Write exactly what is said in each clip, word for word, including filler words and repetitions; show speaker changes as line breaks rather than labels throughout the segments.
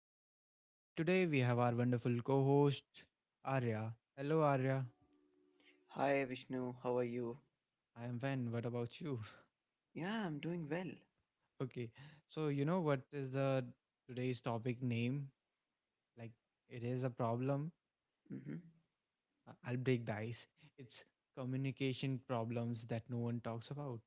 Vishnu. And today we have our wonderful co host, Arya. Hello, Arya.
Hi Vishnu, how are you?
I am fine. What about you?
Yeah, I'm doing well.
okay. So, you know what is the today's topic name? Like, it is a problem.
Mm-hmm.
I- I'll break the ice. It's communication problems that no one talks about.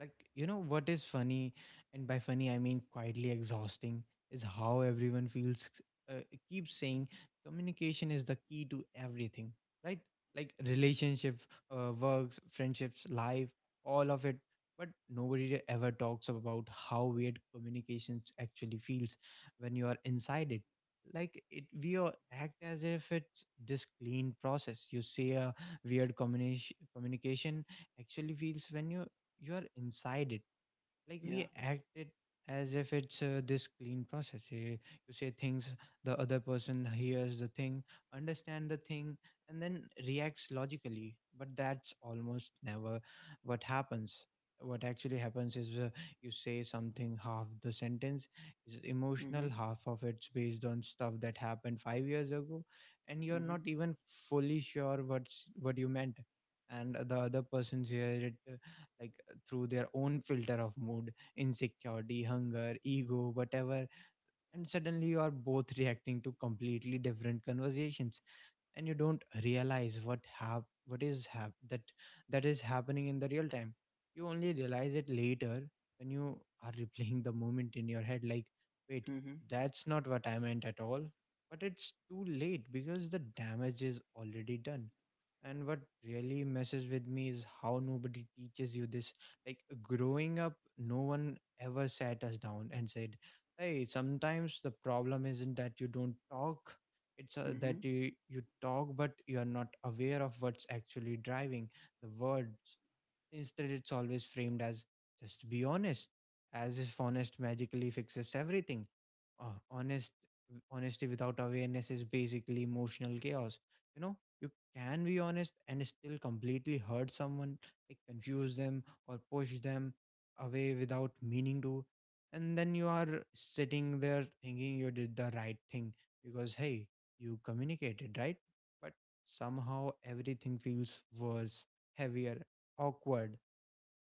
Like, you know what is funny, and by funny I mean quietly exhausting, is how everyone feels uh, keeps saying communication is the key to everything, right? Like relationship, uh, works, friendships, life, all of it. But nobody ever talks about how weird communications actually feels when you are inside it. Like it, we all act as if it's this clean process. You say a weird combination, communication actually feels when you you are inside it, like
Yeah.
we act it as if it's uh, this clean process. You, you say things, the other person hears the thing, understand the thing, and then reacts logically, but that's almost never what happens. What actually happens is, uh, you say something, half the sentence is
Mm-hmm.
emotional, half of it's based on stuff that happened five years ago, and you're
Mm-hmm.
not even fully sure what's what you meant. And uh, the other person's hear it, uh, like, through their own filter of mood, insecurity, hunger, ego, whatever. And suddenly you are both reacting to completely different conversations, and you don't realize what hap- what is hap- that that is happening in the real time. You only realize it later, when you are replaying the moment in your head, like, wait,
Mm-hmm.
that's not what I meant at all. But it's too late because the damage is already done. And what really messes with me is how nobody teaches you this. Like, growing up, no one ever sat us down and said, hey, sometimes the problem isn't that you don't talk, it's uh,
Mm-hmm.
that you, you talk but you are not aware of what's actually driving the words. Instead, it's always framed as, just be honest, as if honest magically fixes everything. uh, honest Honesty without awareness is basically emotional chaos, you know. You can be honest and still completely hurt someone, like confuse them or push them away without meaning to. And then you are sitting there thinking you did the right thing because, hey, you communicated right. But somehow everything feels worse, heavier, awkward.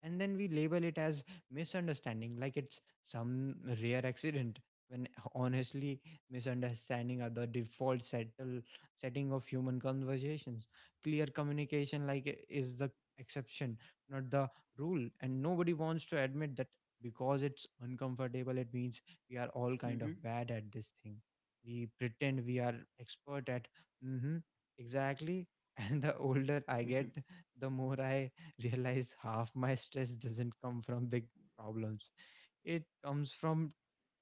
And then we label it as misunderstanding, like it's some rare accident, when, honestly, misunderstanding are the default settle setting of human conversations. Clear communication, like i- is the exception, not the rule. And nobody wants to admit that because it's uncomfortable. It means we are all kind
Mm-hmm.
of bad at this thing. We pretend we are expert at. mm-hmm, exactly. And the older I
Mm-hmm.
get, the more I realize half my stress doesn't come from big problems. It comes from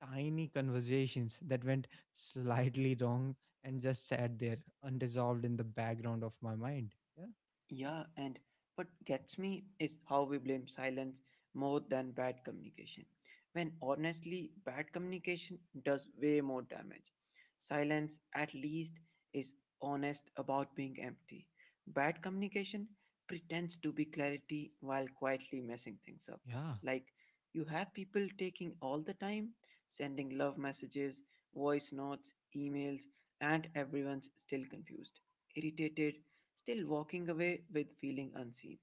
tiny conversations that went slightly wrong and just sat there unresolved in the background of my mind. Yeah.
Yeah, and what gets me is how we blame silence more than bad communication. When honestly, bad communication does way more damage. Silence, at least, is honest about being empty. Bad communication pretends to be clarity while quietly messing things up.
Yeah.
Like, you have people taking all the time, sending love messages, voice notes, emails, and everyone's still confused, irritated, still walking away with feeling unseen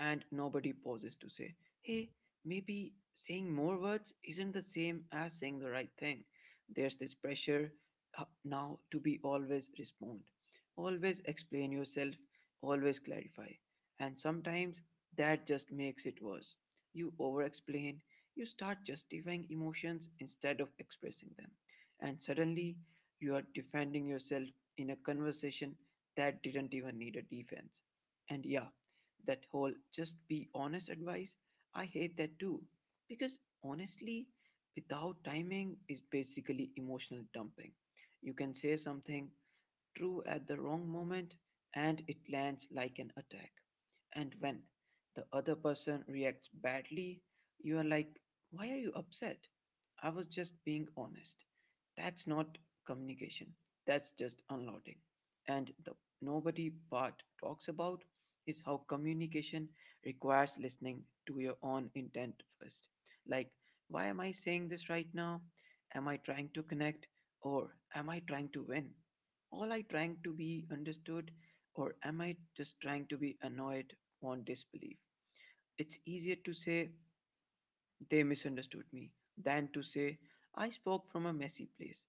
and nobody pauses to say, hey, maybe saying more words isn't the same as saying the right thing. There's this pressure uh, now to be always respond, always explain yourself, always clarify. And sometimes that just makes it worse. You over explain, you start justifying emotions instead of expressing them. And suddenly you are defending yourself in a conversation that didn't even need a defense. And yeah, that whole just be honest advice, I hate that too. Because honestly, without timing is basically emotional dumping. You can say something true at the wrong moment and it lands like an attack. And when the other person reacts badly, you are like, why are you upset? I was just being honest. That's not communication, that's just unloading. And the nobody part talks about is how communication requires listening to your own intent first. Like, why am I saying this right now? Am I trying to connect or am I trying to win? All I trying to be understood, or am I just trying to be annoyed on disbelief? It's easier to say they misunderstood me, than to say I spoke from a messy place.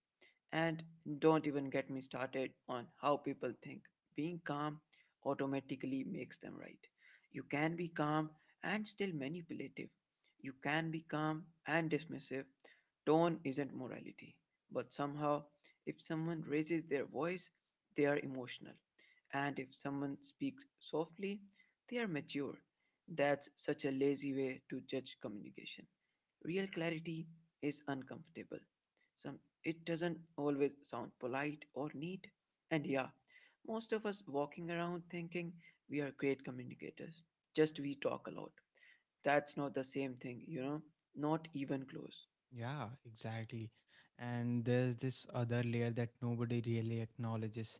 And don't even get me started on how people think being calm automatically makes them right. You can be calm and still manipulative. You can be calm and dismissive. Tone isn't morality. But somehow, if someone raises their voice, they are emotional. And if someone speaks softly, they are mature. That's such a lazy way to judge communication. Real clarity is uncomfortable. Some it doesn't always sound polite or neat. And yeah, most of us walking around thinking we are great communicators. Just we talk a lot. That's not the same thing, you know. Not even close.
Yeah, exactly. And there's this other layer that nobody really acknowledges,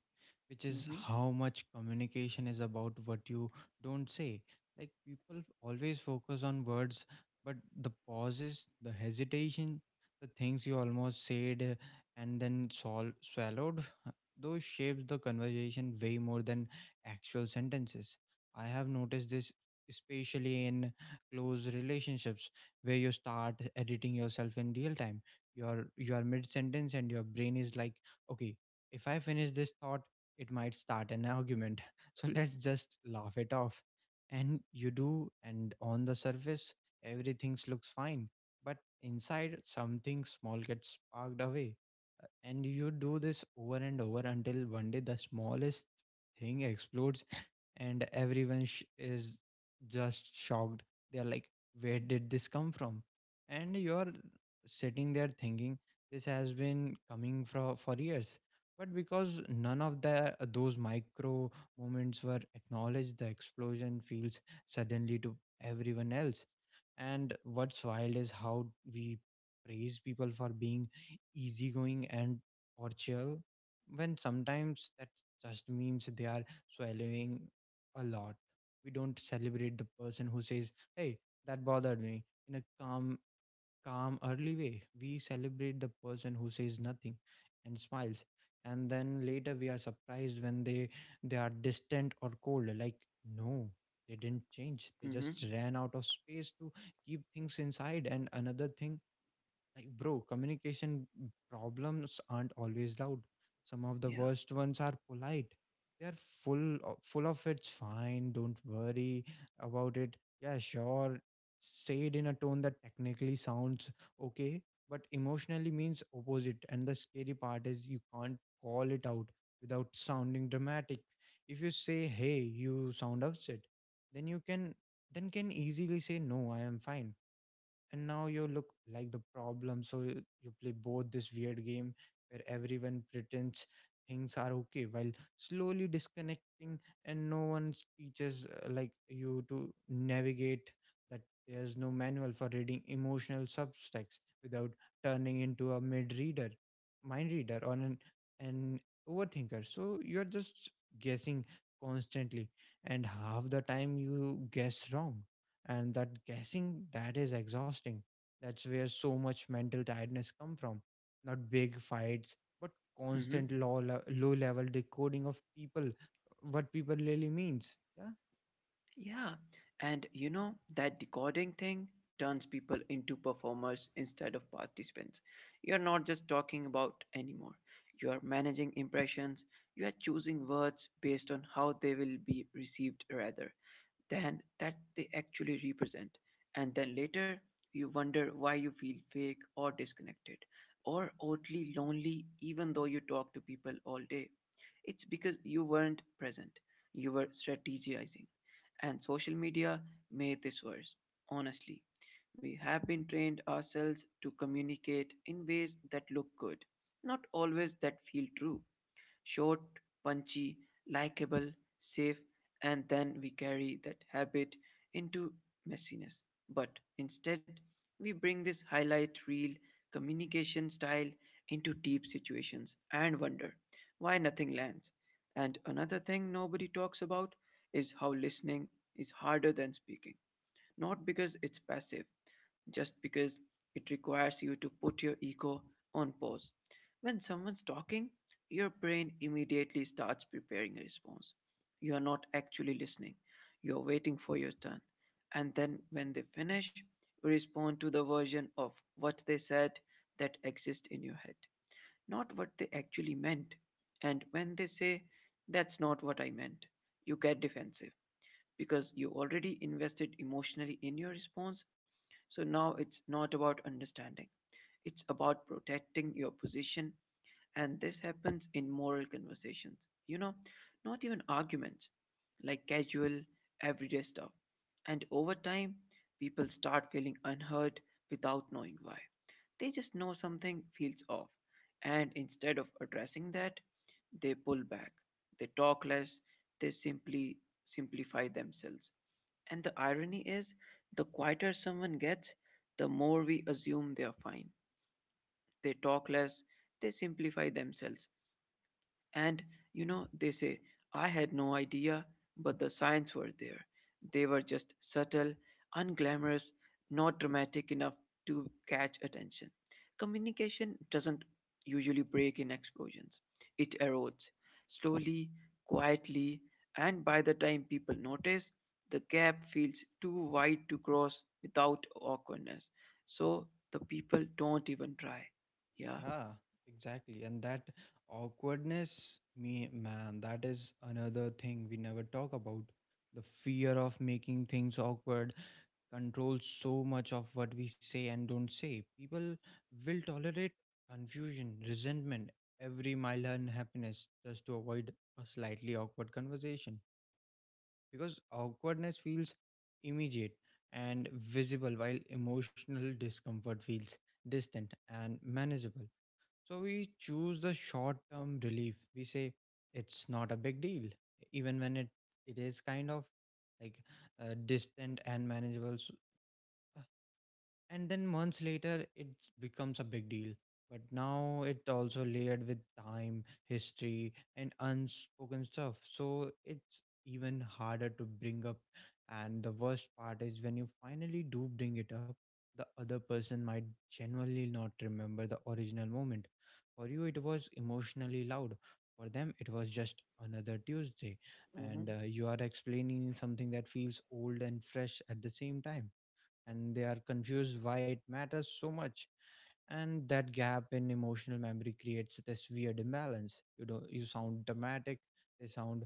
which is
Mm-hmm.
how much communication is about what you don't say. Like, people always focus on words, but the pauses, the hesitation, the things you almost said, uh, and then sol- swallowed, those shapes the conversation way more than actual sentences. I have noticed this especially in close relationships, where you start editing yourself in real time. You're you're mid sentence and your brain is like, okay, if I finish this thought, it might start an argument, so let's just laugh it off. And you do. And on the surface, everything looks fine, but inside something small gets sparked away. Uh, and you do this over and over until one day the smallest thing explodes, and everyone sh- is just shocked. They are like, where did this come from? And you're sitting there thinking, this has been coming for for years. But because none of the those micro moments were acknowledged, the explosion feels suddenly to everyone else. And what's wild is how we praise people for being easygoing and or chill, when sometimes that just means they are swallowing a lot. We don't celebrate the person who says, "Hey, that bothered me," in a calm, calm, early way. We celebrate the person who says nothing and smiles, and then later we are surprised when they they are distant or cold. Like, no, they didn't change. They
Mm-hmm.
just ran out of space to keep things inside. And another thing, like, bro, communication problems aren't always loud. Some of the
Yeah.
worst ones are polite. They are full o- full of it's fine, don't worry about it. Yeah, sure. Say it in a tone that technically sounds okay, but emotionally means opposite. And the scary part is you can't call it out without sounding dramatic. If you say, "Hey, you sound upset," then you can then can easily say, "No, I am fine." And now you look like the problem. So you, you play both this weird game where everyone pretends things are okay while slowly disconnecting, and no one teaches, uh, like, you to navigate that. There's no manual for reading emotional subtext without turning into a mid reader mind reader, or an an overthinker. So you're just guessing constantly, and half the time you guess wrong. And that guessing, that is exhausting. That's where so much mental tiredness come from. Not big fights, but
Mm-hmm.
constant low, le- low level decoding of people, what people really means. Yeah.
Yeah, and you know, that decoding thing turns people into performers instead of participants. You're not just talking about anymore. You are managing impressions, you are choosing words based on how they will be received rather than that they actually represent. And then later, you wonder why you feel fake or disconnected or oddly lonely, even though you talk to people all day. It's because you weren't present, you were strategizing. And social media made this worse, honestly. We have been trained ourselves to communicate in ways that look good, not always that feel true. Short, punchy, likable, safe, and then we carry that habit into messiness. But instead, we bring this highlight reel communication style into deep situations and wonder why nothing lands. And another thing nobody talks about is how listening is harder than speaking. Not because it's passive, just because it requires you to put your ego on pause. When someone's talking, your brain immediately starts preparing a response. You are not actually listening, you're waiting for your turn. And then when they finish, you respond to the version of what they said that exists in your head, not what they actually meant. And when they say, that's not what I meant, you get defensive because you already invested emotionally in your response. So now it's not about understanding, it's about protecting your position. And this happens in moral conversations, you know, not even arguments, like casual, everyday stuff. And over time, people start feeling unheard without knowing why. They just know something feels off, and instead of addressing that, they pull back, they talk less, they simply simplify themselves. And the irony is, the quieter someone gets, the more we assume they are fine. They talk less, they simplify themselves, and you know, they say, I had no idea, but the signs were there. They were just subtle, unglamorous, not dramatic enough to catch attention. Communication doesn't usually break in explosions, it erodes slowly, quietly, and by the time people notice, the gap feels too wide to cross without awkwardness. So the people don't even try. Yeah.
Yeah, exactly. And that awkwardness, me man, that is another thing we never talk about. The fear of making things awkward controls so much of what we say and don't say. People will tolerate confusion, resentment, every mild unhappiness, just to avoid a slightly awkward conversation. Because awkwardness feels immediate and visible, while emotional discomfort feels distant and manageable. So we choose the short term relief. We say it's not a big deal, even when it, it is kind of, like, uh, distant and manageable. So, and then months later, it becomes a big deal, but now it also layered with time history and unspoken stuff, so it's even harder to bring up. And the worst part is when you finally do bring it up, the other person might genuinely not remember the original moment. For you, it was emotionally loud. For them, it was just another Tuesday. And
Mm-hmm.
uh, you are explaining something that feels old and fresh at the same time, and they are confused why it matters so much. And that gap in emotional memory creates this weird imbalance, you know. You sound dramatic, they sound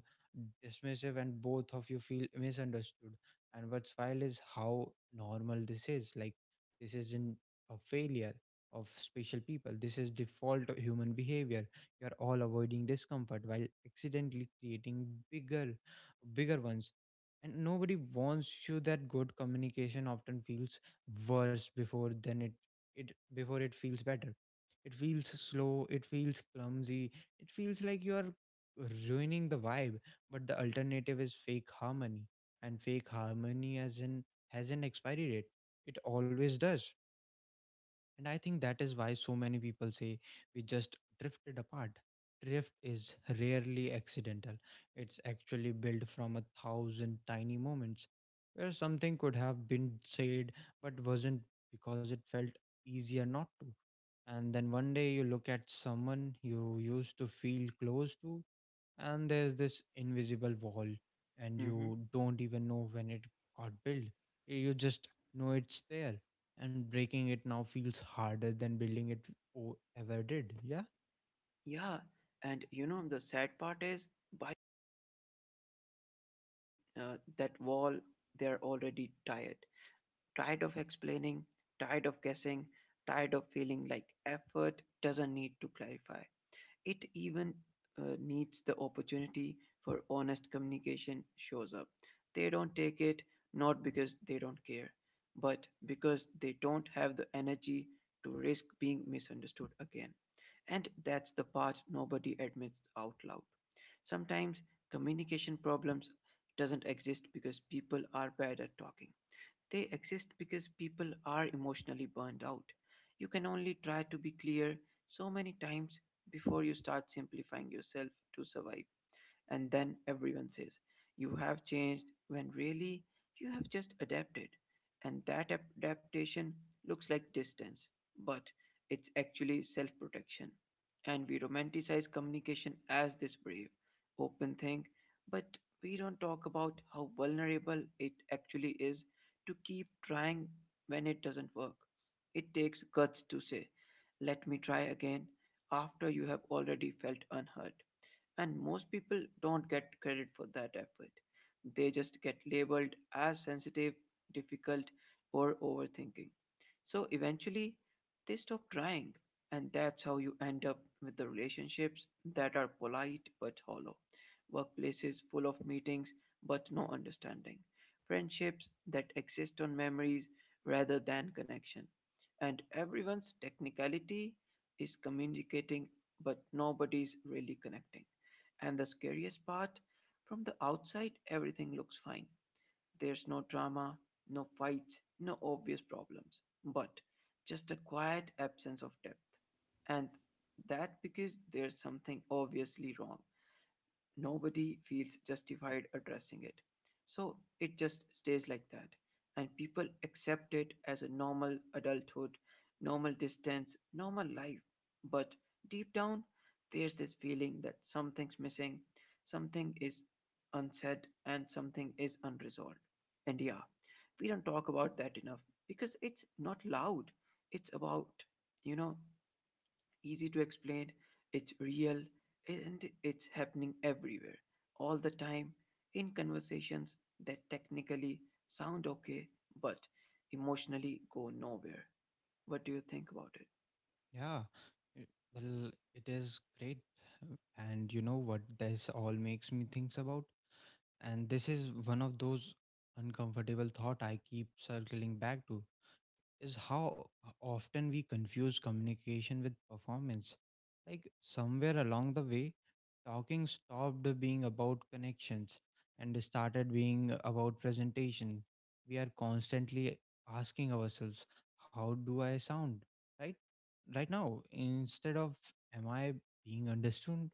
dismissive, and both of you feel misunderstood. And what's wild is how normal this is. Like, this isn't a failure of special people. This is default of human behavior. You're all avoiding discomfort while accidentally creating bigger bigger ones. And nobody wants you that good communication often feels worse before than it it before it feels better. It feels slow, it feels clumsy, it feels like you are ruining the vibe. But the alternative is fake harmony, and fake harmony as in has an expiry date. It always does. And I think that is why so many people say we just drifted apart. Drift is rarely accidental, it's actually built from a thousand tiny moments where something could have been said but wasn't because it felt easier not to. And then one day you look at someone you used to feel close to, and there's this invisible wall, and
Mm-hmm.
you don't even know when it got built. You just know it's there, and breaking it now feels harder than building it o- ever did. Yeah,
Yeah, and you know the sad part is by uh, that wall they're already tired. Tired of explaining, tired of guessing, tired of feeling like effort doesn't need to clarify. It even uh, needs the opportunity for honest communication shows up. They don't take it not because they don't care, but because they don't have the energy to risk being misunderstood again. And that's the part nobody admits out loud. Sometimes communication problems doesn't exist because people are bad at talking, they exist because people are emotionally burned out. You can only try to be clear so many times before you start simplifying yourself to survive. And then everyone says, you have changed, when really you have just adapted. And that ap- adaptation looks like distance, but it's actually self protection. And we romanticize communication as this brave, open thing, but we don't talk about how vulnerable it actually is to keep trying when it doesn't work. It takes guts to say, let me try again, after you have already felt unhurt. And most people don't get credit for that effort. They just get labeled as sensitive, difficult, or overthinking. So eventually, they stop trying. And that's how you end up with the relationships that are polite but hollow, workplaces full of meetings but no understanding, friendships that exist on memories rather than connection. And everyone's technicality is communicating, but nobody's really connecting. And the scariest part, from the outside, everything looks fine. There's no drama, no fights, no obvious problems, but just a quiet absence of depth. And that because there's something obviously wrong nobody feels justified addressing it. So it just stays like that. And people accept it as a normal adulthood, normal distance, normal life. But deep down, there's this feeling that something's missing, something is unsaid, and something is unresolved. And yeah, we don't talk about that enough because it's not loud. It's about, you know, easy to explain, it's real, and it's happening everywhere, all the time, in conversations that technically sound okay but emotionally go nowhere. What do you think about it?
yeah. Uh, Well, it is great. Uh, And you know what this all makes me thinks about? And this is one of those uncomfortable thought I keep circling back to, is how often we confuse communication with performance. Like, somewhere along the way, talking stopped being about connections and started being about presentation. We are constantly asking ourselves, how do I sound? Right? Right now, instead of, am I being understood?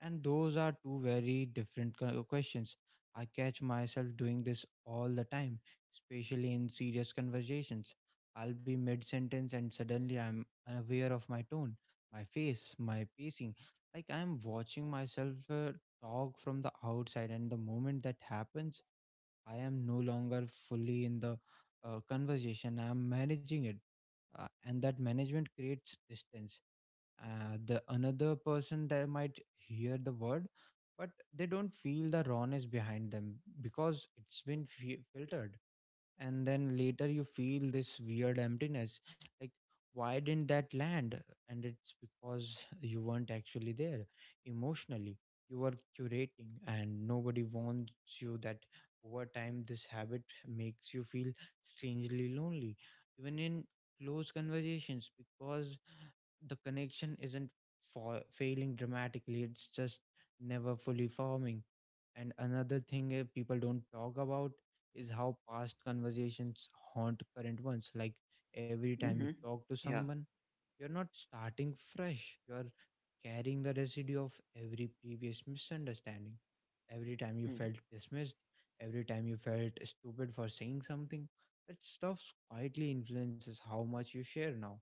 And those are two very different co- questions. I catch myself doing this all the time, especially in serious conversations. I'll be mid sentence and suddenly I'm unaware of my tone, my face, my pacing. Like, I'm watching myself uh, talk from the outside, and the moment that happens, I am no longer fully in the uh, conversation. I'm managing it, uh, and that management creates distance, uh, the another person that might hear the word, but they don't feel the rawness behind them because it's been fi- filtered. And then later you feel this weird emptiness, like, why didn't that land? And it's because you weren't actually there emotionally. You were curating, and nobody warns you that over time this habit makes you feel strangely lonely, even in close conversations, because the connection isn't fa- failing dramatically, it's just never fully forming. And another thing uh, people don't talk about is how past conversations haunt current ones, like every time
Mm-hmm.
you talk to
Yeah.
someone you're not starting fresh. You're carrying the residue of every previous misunderstanding. Every time you
Mm-hmm.
felt dismissed, every time you felt stupid for saying something, that stuff quietly influences how much you share now.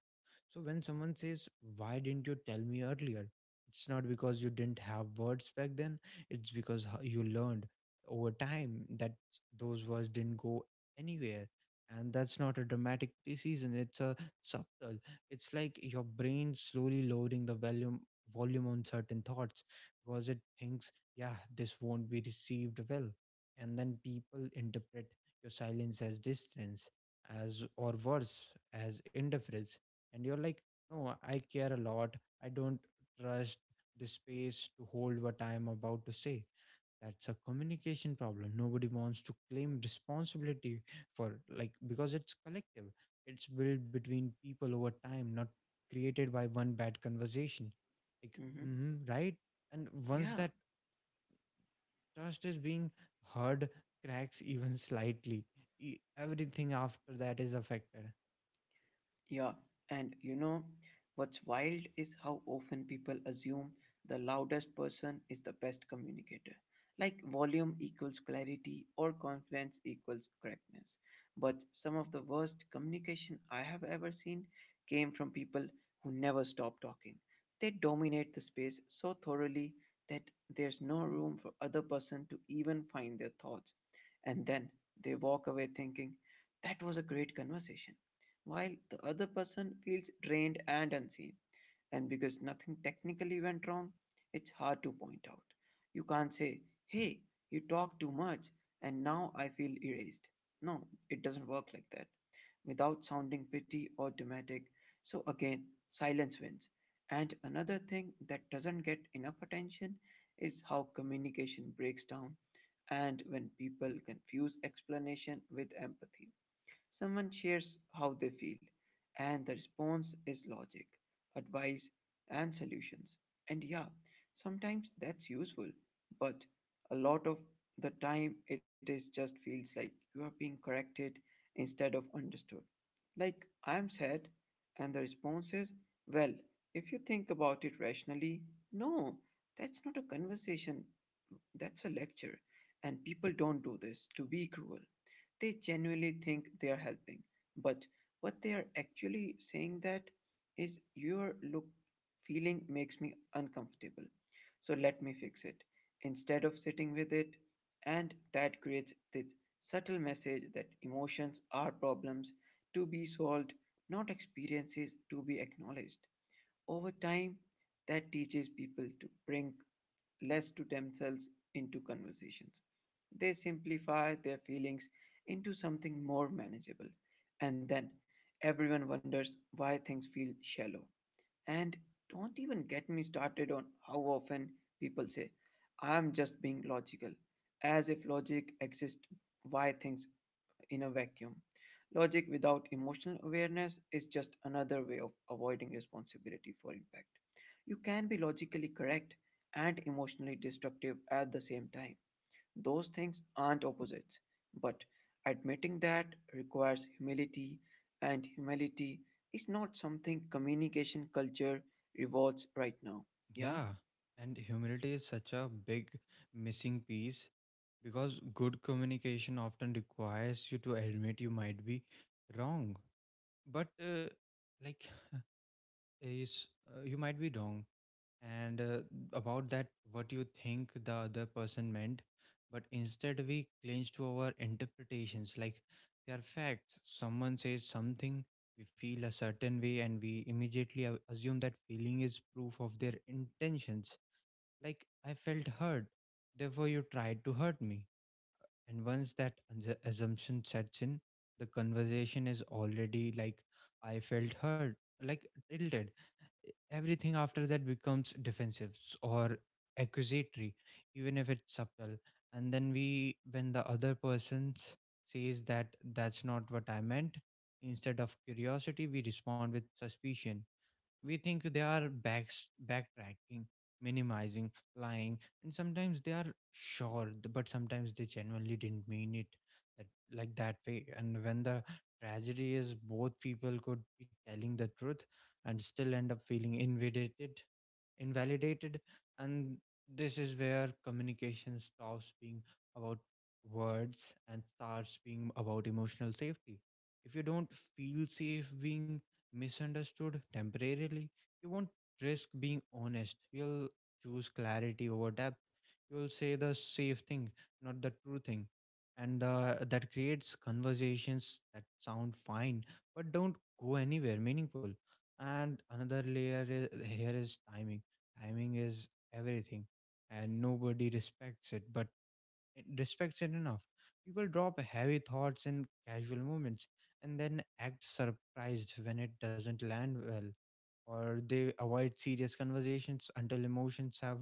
So when someone says, "Why didn't you tell me earlier?" It's not because you didn't have words back then, it's because how you learned over time that those words didn't go anywhere. And that's not a dramatic decision, it's a subtle. It's like your brain slowly lowering the volume volume on certain thoughts because it thinks, yeah, this won't be received well. And then people interpret your silence as distance, as or worse, as indifference. And you're like, no, I care a lot. I don't trust the space to hold what I am about to say. That's a communication problem nobody wants to claim responsibility for, like, because it's collective, it's built between people over time, not created by one bad conversation, like,
Mm-hmm.
mm-hmm, right. And once
Yeah.
that trust is being heard cracks even slightly, e- everything after that is affected.
Yeah, and you know what's wild is how often people assume the loudest person is the best communicator. Like volume equals clarity or confidence equals correctness. But some of the worst communication I have ever seen came from people who never stop talking. They dominate the space so thoroughly that there's no room for other person to even find their thoughts. And then they walk away thinking, that was a great conversation while the other person feels drained and unseen. And because nothing technically went wrong, it's hard to point out. You can't say, hey, you talk too much and now I feel erased. No, it doesn't work like that without sounding petty or dramatic. So again, silence wins. And another thing that doesn't get enough attention is how communication breaks down and when people confuse explanation with empathy. Someone shares how they feel, and the response is logic, advice, and solutions. And yeah, sometimes that's useful, but a lot of the time it is just feels like you are being corrected instead of understood. Like, I'm sad, and the response is, well, if you think about it rationally, no, that's not a conversation, that's a lecture. And people don't do this to be cruel, they genuinely think they are helping, but what they are actually saying that is your look feeling makes me uncomfortable so let me fix it instead of sitting with it. And that creates this subtle message that emotions are problems to be solved, not experiences to be acknowledged. Over time, that teaches people to bring less to themselves into conversations. They simplify their feelings into something more manageable, and then everyone wonders why things feel shallow. And don't even get me started on how often people say, I'm just being logical, as if logic exists why things in a vacuum. Logic without emotional awareness is just another way of avoiding responsibility for impact. You can be logically correct and emotionally destructive at the same time. Those things aren't opposites, but admitting that requires humility, and humility is not something communication culture rewards right now. Yeah?
Yeah, and humility is such a big missing piece because good communication often requires you to admit you might be wrong. But uh, like is uh, you might be wrong and uh, about that what you think the other person meant, but instead we cling to our interpretations like they are facts. Someone says something, we feel a certain way, and we immediately a- assume that feeling is proof of their intentions, like, I felt hurt, therefore you tried to hurt me. And once that assu- assumption sets in, the conversation is already, like, I felt hurt, like, tilted. E- Everything after that becomes defensive s- or accusatory, even if it's subtle. And then we, when the other person s- says that that's not what I meant, instead of curiosity, we respond with suspicion. We think they are back backtracking, minimizing, lying. And sometimes they are, sure, th- but sometimes they genuinely didn't mean it that, like, that way. And when the tragedy is both people could be telling the truth and still end up feeling invalidated invalidated. And this is where communication stops being about words and starts being about emotional safety. If you don't feel safe being misunderstood temporarily, you won't risk being honest. You'll choose clarity over depth. You'll say the safe thing, not the true thing. And uh, that creates conversations that sound fine but don't go anywhere meaningful. And another layer is, here is timing. Timing is everything, and nobody respects it. But respects it enough. People drop heavy thoughts in casual moments and then act surprised when it doesn't land well, or they avoid serious conversations until emotions have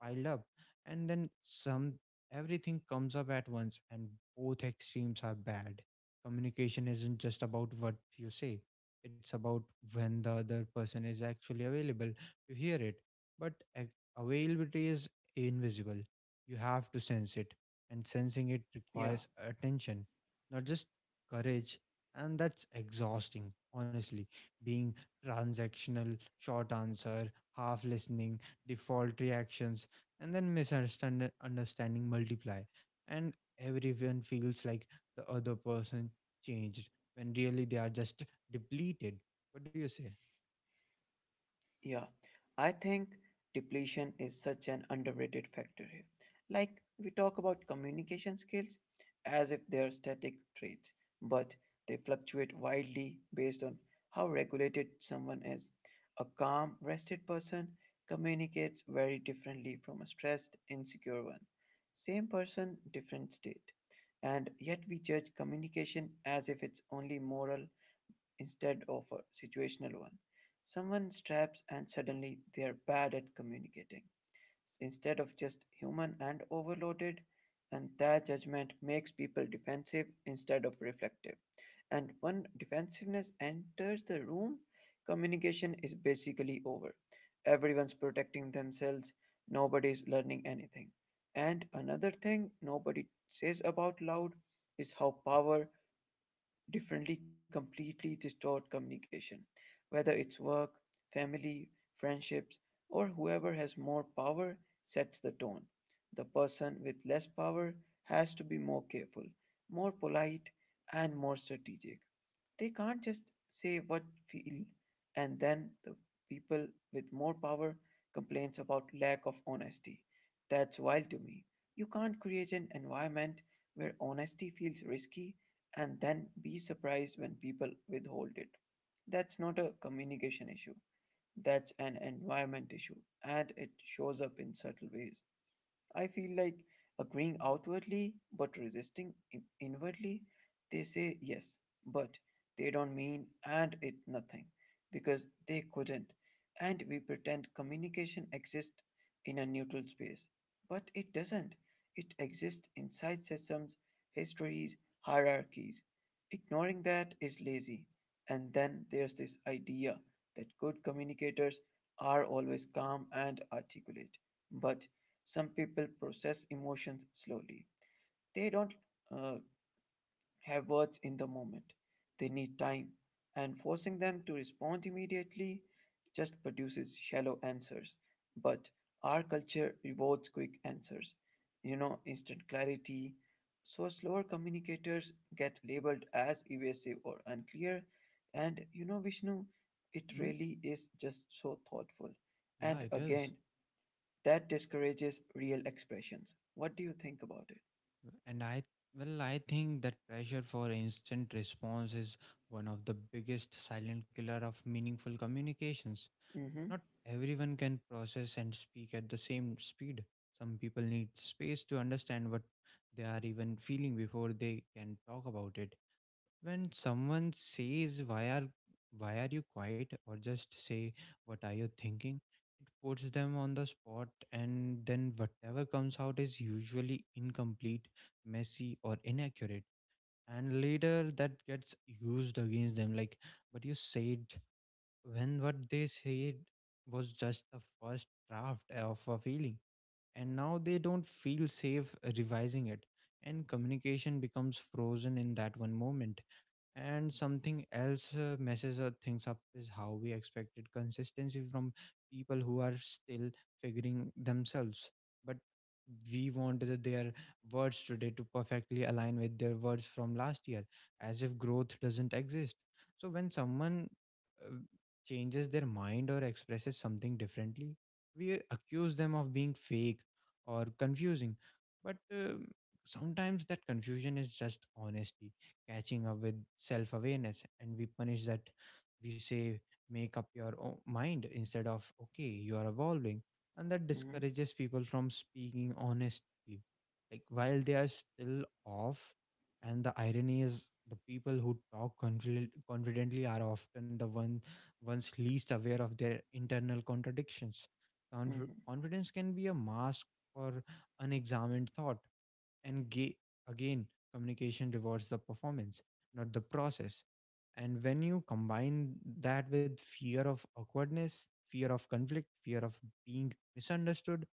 piled up, and then some everything comes up at once, and both extremes are bad. Communication isn't just about what you say. It's about when the other person is actually available to hear it. But a- availability is invisible, you have to sense it, and sensing it
Yeah.
requires attention, not just courage. And that's exhausting, honestly. Being transactional, short answer, half listening, default reactions, and then misunderstanding understanding multiply. And everyone feels like the other person changed when really they are just depleted. What do you say?
Yeah, I think depletion is such an underrated factor here. Like, we talk about communication skills as if they're static traits, but they fluctuate wildly based on how regulated someone is. A calm, rested person communicates very differently from a stressed, insecure one. Same person, different state. And yet, we judge communication as if it's only moral instead of a situational one. Someone straps and suddenly they are bad at communicating instead of just human and overloaded, and that judgment makes people defensive instead of reflective. And when defensiveness enters the room, communication is basically over. Everyone's protecting themselves, nobody's learning anything. And another thing nobody says about loud is how power differently completely distort communication, whether it's work, family, friendships, or whoever has more power sets the tone. The person with less power has to be more careful, more polite, and more strategic. They can't just say what feel and then the people with more power complains about lack of honesty. That's wild to me. You can't create an environment where honesty feels risky and then be surprised when people withhold it. That's not a communication issue, that's an environment issue, and it shows up in subtle ways. I feel like agreeing outwardly but resisting in- inwardly. They say yes, but they don't mean and it nothing because they couldn't. And we pretend communication exists in a neutral space, but it doesn't. It exists inside systems, histories, hierarchies. Ignoring that is lazy. And then there's this idea that good communicators are always calm and articulate. But some people process emotions slowly. They don't uh, have words in the moment. They need time, and forcing them to respond immediately just produces shallow answers. But our culture rewards quick answers, you know, instant clarity. So, slower communicators get labeled as evasive or unclear. And you know, Vishnu, it
Hmm?
really is just so thoughtful.
Yeah,
And
it is.
again, that discourages real expressions. What do you think about it?
And I, well, I think that pressure for instant response is one of the biggest silent killer of meaningful communications.
Mm-hmm.
Not everyone can process and speak at the same speed. Some people need space to understand what they are even feeling before they can talk about it. When someone says, why are why are you quiet, or just say, what are you thinking, it puts them on the spot, and then whatever comes out is usually incomplete, messy, or inaccurate. And later that gets used against them, like, but you said, when what they said was just the first draft of a feeling, and now they don't feel safe revising it, and communication becomes frozen in that one moment. And something else uh, messes uh, things up is how we expected consistency from people who are still figuring themselves. But we want the- their words today to perfectly align with their words from last year, as if growth doesn't exist. So when someone uh, changes their mind or expresses something differently, we accuse them of being fake or confusing. But um sometimes that confusion is just honesty catching up with self awareness, and we punish that. We say, make up your own mind, instead of, okay, you are evolving. And that
Mm-hmm.
discourages people from speaking honestly like while they are still off. And the irony is the people who talk confident, confidently are often the one ones least aware of their internal contradictions. Conf-
Mm-hmm.
confidence can be a mask for unexamined thought. And ga- again, communication rewards the performance, not the process. And when you combine that with fear of awkwardness, fear of conflict, fear of being misunderstood,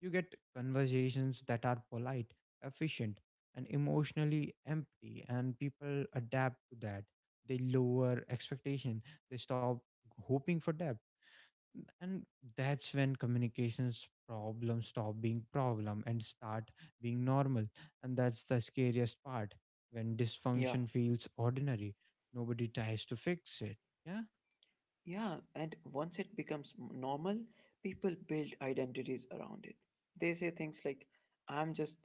you get conversations that are polite, efficient, and emotionally empty. And people adapt to that. They lower expectation. They stop hoping for depth. And that's when communications problems stop being problem and start being normal. And that's the scariest part, when
Yeah.
dysfunction feels ordinary nobody tries to fix it. Yeah.
Yeah. And once it becomes m- normal, people build identities around it. They say things like, I'm just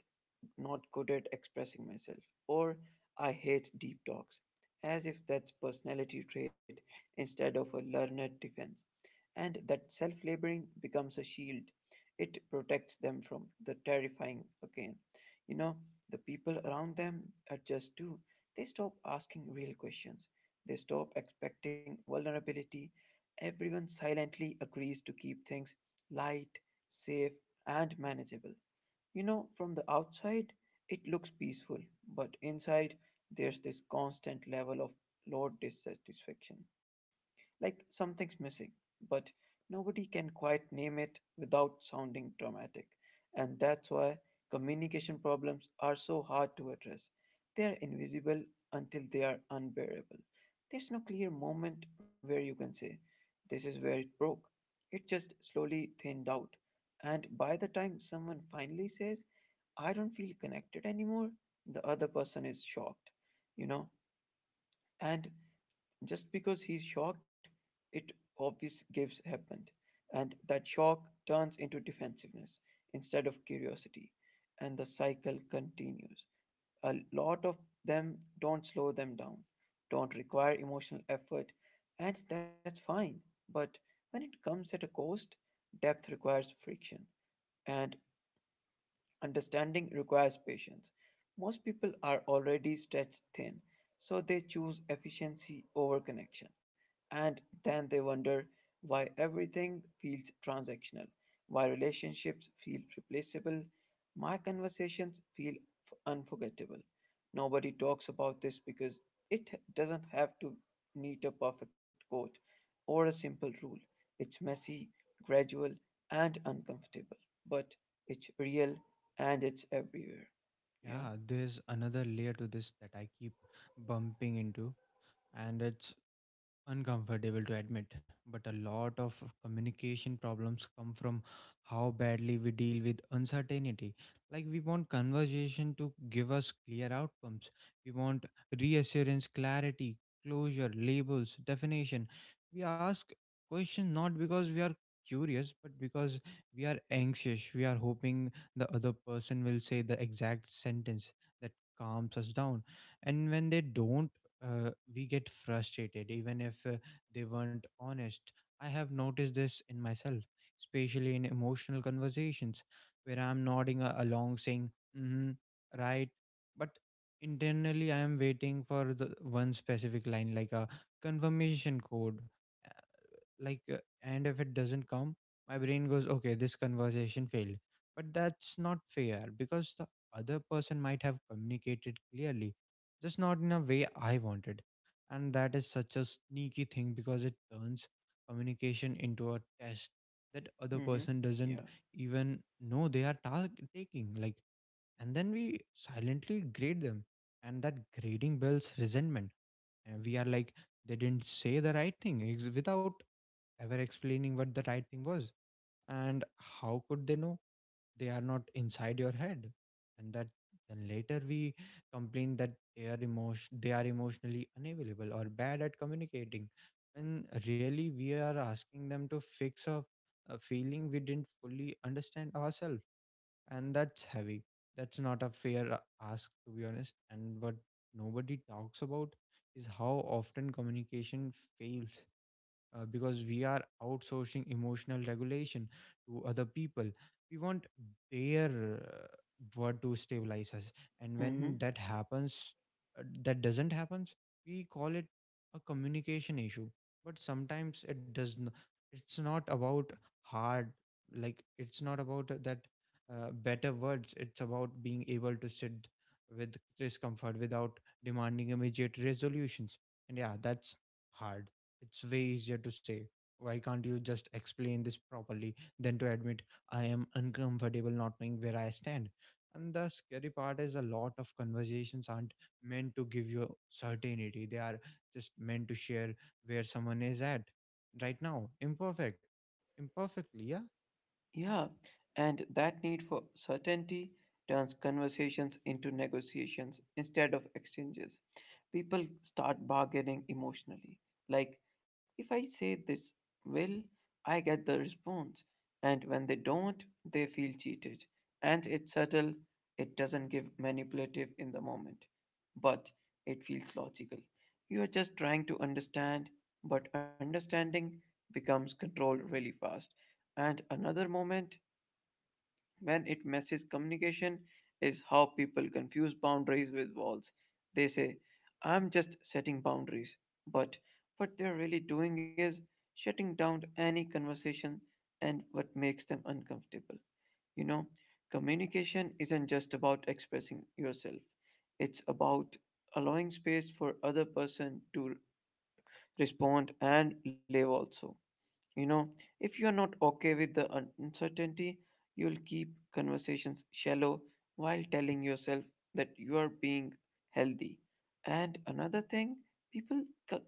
not good at expressing myself, or I hate deep talks, as if that's personality trait instead of a learned defense. And that self laboring becomes a shield. It protects them from the terrifying again. You know, the people around them adjust too. They stop asking real questions, they stop expecting vulnerability. Everyone silently agrees to keep things light, safe, and manageable. You know, from the outside, it looks peaceful, but inside, there's this constant level of low dissatisfaction like something's missing, but nobody can quite name it without sounding dramatic. And that's why communication problems are so hard to address. They are invisible until they are unbearable. There's no clear moment where you can say, this is where it broke. It just slowly thinned out. And by the time someone finally says, I don't feel connected anymore, the other person is shocked, you know? And just because he's shocked, it obvious gives happened, and that shock turns into defensiveness instead of curiosity, and the cycle continues. A lot of them don't slow them down, don't require emotional effort, and that's fine. But when it comes at a cost, depth requires friction, and understanding requires patience. Most people are already stretched thin, so they choose efficiency over connection. And then they wonder why everything feels transactional, why relationships feel replaceable, my conversations feel f- unforgettable. Nobody talks about this because it doesn't have to need a perfect code or a simple rule. It's messy, gradual, and uncomfortable, but it's real and it's everywhere. Yeah.
Yeah, there's another layer to this that I keep bumping into, and it's uncomfortable to admit, but a lot of communication problems come from how badly we deal with uncertainty. Like, we want conversation to give us clear outcomes, we want reassurance, clarity, closure, labels, definition. We ask questions not because we are curious but because we are anxious. We are hoping the other person will say the exact sentence that calms us down, and when they don't, uh, we get frustrated even if uh, they weren't honest. I have noticed this in myself, especially in emotional conversations where I'm nodding a- along saying, mm-hmm, right, but internally I am waiting for the one specific line like a confirmation code, like uh, and if it doesn't come my brain goes, okay, this conversation failed. But that's not fair because the other person might have communicated clearly, just not in a way I wanted. And that is such a sneaky thing because it turns communication into a test that other
Mm-hmm.
person doesn't
Yeah.
even know they are ta- taking, like, and then we silently grade them, and that grading builds resentment, and we are like, they didn't say the right thing, ex- without ever explaining what the right thing was. And how could they know? They are not inside your head. And that then later we complain that they are emotion they are emotionally unavailable or bad at communicating, when really we are asking them to fix a, a feeling we didn't fully understand ourselves. And that's heavy. That's not a fair uh, ask, to be honest. And what nobody talks about is how often communication fails uh, because we are outsourcing emotional regulation to other people. We want their uh, word to stabilize us, and
Mm-hmm.
when that happens, uh, that doesn't happens. We call it a communication issue, but sometimes it does. Not it's not about hard, like, it's not about that uh, better words. It's about being able to sit with discomfort without demanding immediate resolutions. And yeah, that's hard. It's way easier to say, why can't you just explain this properly, than to admit I am uncomfortable not knowing where I stand. And the scary part is a lot of conversations aren't meant to give you certainty. They are just meant to share where someone is at right now. Imperfect. Imperfectly, yeah?
Yeah, and that need for certainty turns conversations into negotiations instead of exchanges. People start bargaining emotionally. Like, if I say this will, I get the response. And when they don't, they feel cheated. And it's subtle, it doesn't give manipulative in the moment, but it feels logical. You are just trying to understand, but understanding becomes control really fast. And another moment when it messes communication is how people confuse boundaries with walls. They say, I'm just setting boundaries, but what they're really doing is shutting down any conversation and what makes them uncomfortable. You know, communication isn't just about expressing yourself, it's about allowing space for other person to respond and live also, you know, if you are not okay with the un- uncertainty, you will keep conversations shallow while telling yourself that you are being healthy. And another thing, people c-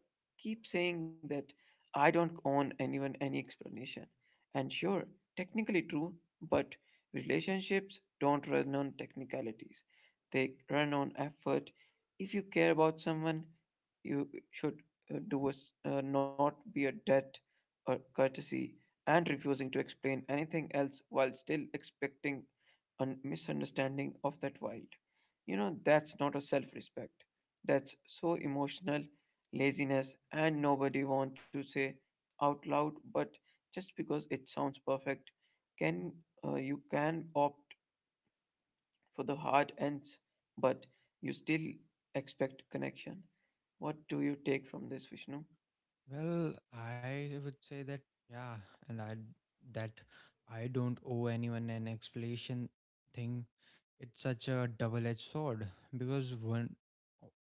keep saying that I don't own anyone any explanation. And sure, technically true, but relationships don't run on technicalities. They run on effort. If you care about someone, you should uh, do a, s- uh, not be a debt or courtesy and refusing to explain anything else while still expecting a misunderstanding of that wild. You know, that's not a self respect. That's so emotional laziness, and nobody want to say out loud, but just because it sounds perfect, can uh, you can opt for the hard ends, but you still expect connection. What do you take from this, Vishnu?
Well, I would say that, yeah. And I, that I don't owe anyone an explanation thing, it's such a double-edged sword, because one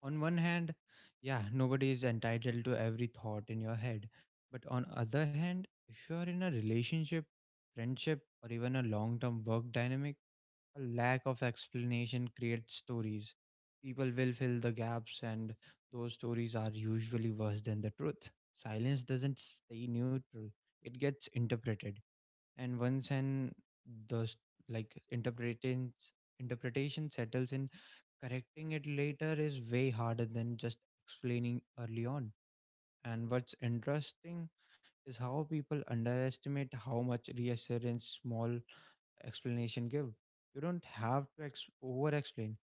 on one hand, yeah, nobody is entitled to every thought in your head, but on other hand, if you are in a relationship, friendship, or even a long-term work dynamic, a lack of explanation creates stories. People will fill the gaps, and those stories are usually worse than the truth. Silence doesn't stay neutral, it gets interpreted, and once and the s- like interpretation interpretation settles in, correcting it later is way harder than just explaining early on. And what's interesting is how people underestimate how much reassurance small explanation give. You don't have to ex- over explain,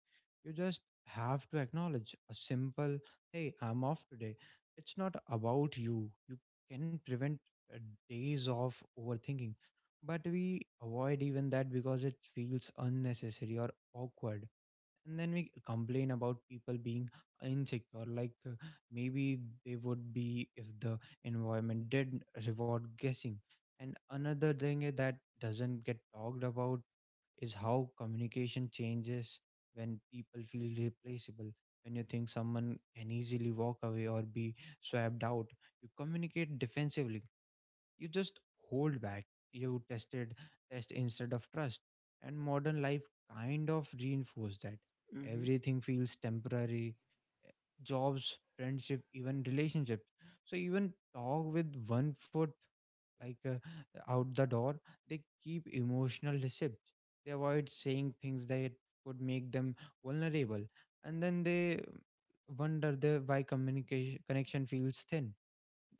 you just have to acknowledge a simple, hey, I'm off today. It's not about you. You can prevent uh, days of overthinking. But we avoid even that because it feels unnecessary or awkward. And then we complain about people being insecure, like uh, maybe they would be if the environment did reward guessing. And another thing that doesn't get talked about is how communication changes when people feel replaceable. When you think someone can easily walk away or be swapped out, you communicate defensively. You just hold back. You tested test instead of trust. And modern life kind of reinforces that.
Mm-hmm.
Everything feels temporary. eh, Jobs, friendship, even relationships. So even talk with one foot like uh, out the door, they keep emotional receipts. They avoid saying things that could make them vulnerable, and then they wonder the why communication connection feels thin.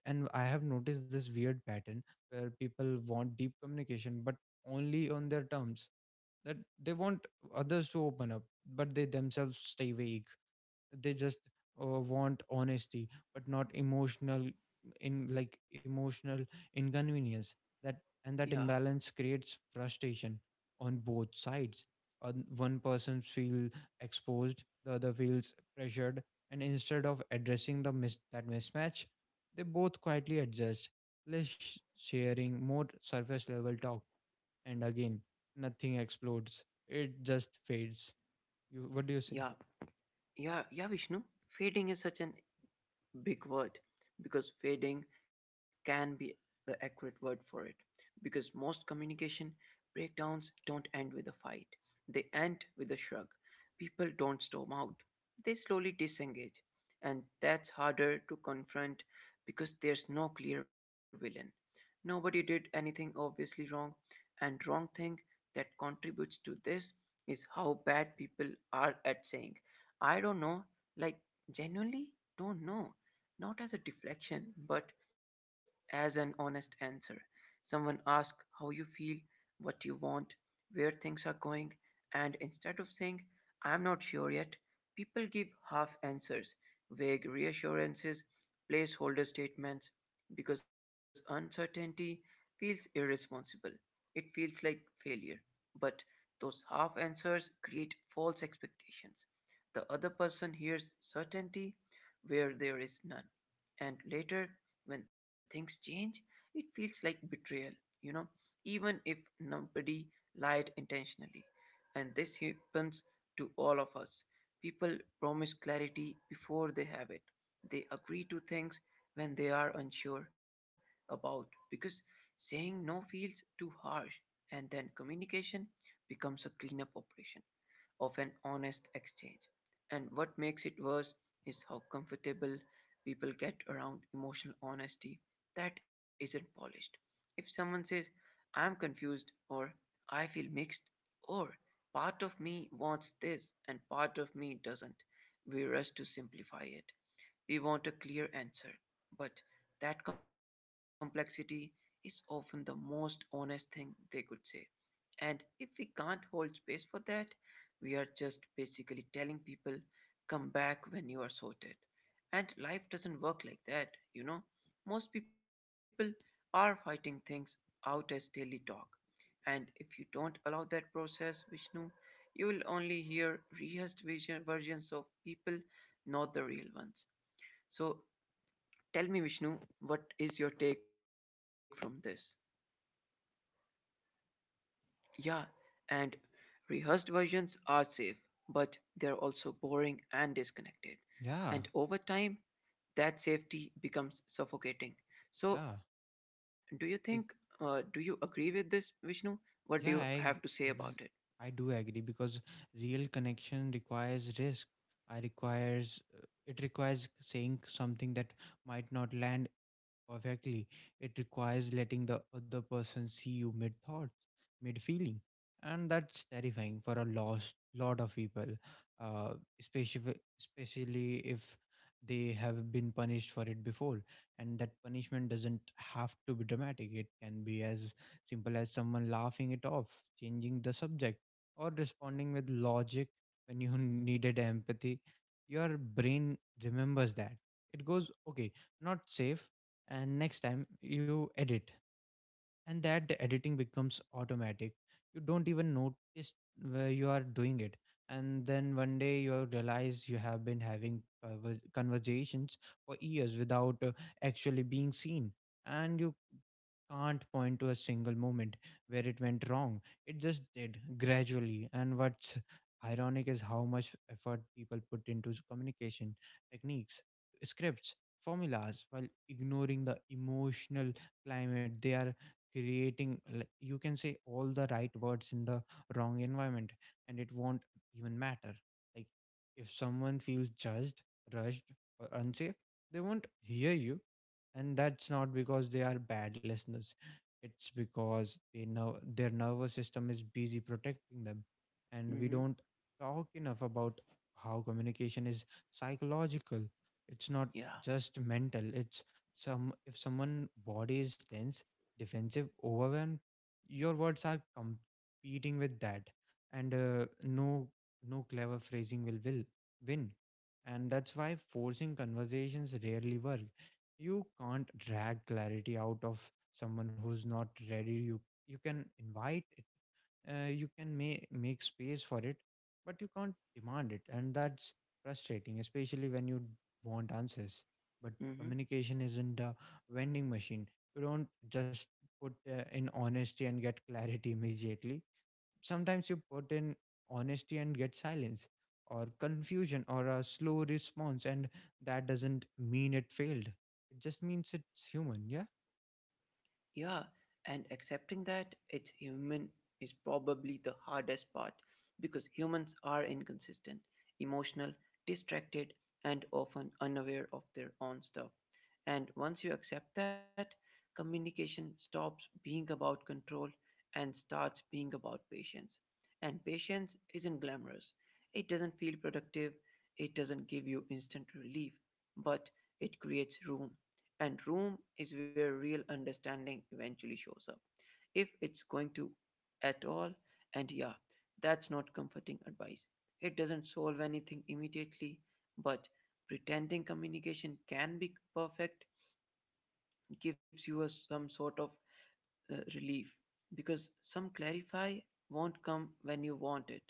And I have noticed this weird pattern where people want deep communication, but only on their terms. That they want others to open up, but they themselves stay vague. They just uh, want honesty but not emotional in like emotional inconvenience. That
Yeah,
And that imbalance creates frustration on both sides. On one person feel exposed, the other feels pressured, and instead of addressing the mis- that mismatch, they both quietly adjust, less sh- sharing, more surface level talk. And again, nothing explodes, it just fades. You, what do you say?
yeah. Yeah, yeah, Vishnu. Fading is such an big word because fading can be the accurate word for it because most communication breakdowns don't end with a fight, they end with a shrug. People don't storm out, they slowly disengage, and that's harder to confront because there's no clear villain, nobody did anything obviously wrong. And wrong thing that contributes to this is how bad people are at saying I don't know, like genuinely don't know, not as a deflection, but as an honest answer. Someone asks how you feel, what you want, where things are going, and instead of saying, I'm not sure yet, people give half answers, vague reassurances, placeholder statements, because uncertainty feels irresponsible. It feels like failure. But those half answers create false expectations. The other person hears certainty where there is none. And later, when things change, it feels like betrayal, you know, even if nobody lied intentionally. And this happens to all of us. People promise clarity before they have it. They agree to things when they are unsure about because saying no feels too harsh and then communication becomes a cleanup operation of an honest exchange. And what makes it worse is how comfortable people get around emotional honesty that isn't polished. If someone says, I'm confused, or I feel mixed, or part of me wants this and part of me doesn't, we rush to simplify it. We want a clear answer, but that complexity is often the most honest thing they could say. And if we can't hold space for that, we are just basically telling people, come back when you are sorted. And life doesn't work like that, you know? Most people are fighting things out as daily talk. And if you don't allow that process, Vishnu, you will only hear rehearsed vision, versions of people, not the real ones. So tell me, Vishnu, what is your take from this? Yeah, and rehearsed versions are safe, but they're also boring and disconnected. And
Yeah,
over time, that safety becomes suffocating. So,
yeah.
do you think, uh, do you agree with this, Vishnu? What do you have to
Yeah,
say
I
about
ag-
it?
ex- I do agree because real connection requires risk. I requires uh, it requires saying something that might not land perfectly. It requires letting the other person see you mid thoughts, mid feeling. And that's terrifying for a lost lot of people, uh, especially, especially if they have been punished for it before. And that punishment doesn't have to be dramatic, it can be as simple as someone laughing it off, changing the subject, or responding with logic when you needed empathy. Your brain remembers that. It goes, okay, not safe, and next time you edit, and that the editing becomes automatic. You don't even notice where you are doing it, and then one day you realize you have been having conver- conversations for years without uh, actually being seen, and you can't point to a single moment where it went wrong, it just did gradually. And what's ironic is how much effort people put into s- communication techniques, scripts, formulas, while ignoring the emotional climate they are creating. Like you can say all the right words in the wrong environment and it won't even matter. Like if someone feels judged, rushed, or unsafe, they won't hear you. And that's not because they are bad listeners, it's because they know their nervous system is busy protecting them. And we don't
Mm-hmm.
talk enough about how communication is psychological. It's not
Yeah.
just mental, it's some if someone body is tense, defensive, overwhelm, your words are competing with that. And uh, no no clever phrasing will will win. And that's why forcing conversations rarely work. You can't drag clarity out of someone who's not ready. You you can invite, uh, you can ma- make space for it, but you can't demand it. And that's frustrating, especially when you want answers, but
Mm-hmm.
communication isn't a vending machine. You don't just put uh, in honesty and get clarity immediately. Sometimes you put in honesty and get silence or confusion or a slow response, and that doesn't mean it failed, it just means it's human. Yeah.
Yeah, and accepting that it's human is probably the hardest part because humans are inconsistent, emotional, distracted, and often unaware of their own stuff. And once you accept that, communication stops being about control and starts being about patience. And patience isn't glamorous, it doesn't feel productive, it doesn't give you instant relief, but it creates room and room is where real understanding eventually shows up, if it's going to at all. And yeah, that's not comforting advice. It doesn't solve anything immediately, but pretending communication can be perfect gives you a, some sort of uh, relief because some clarify won't come when you want it,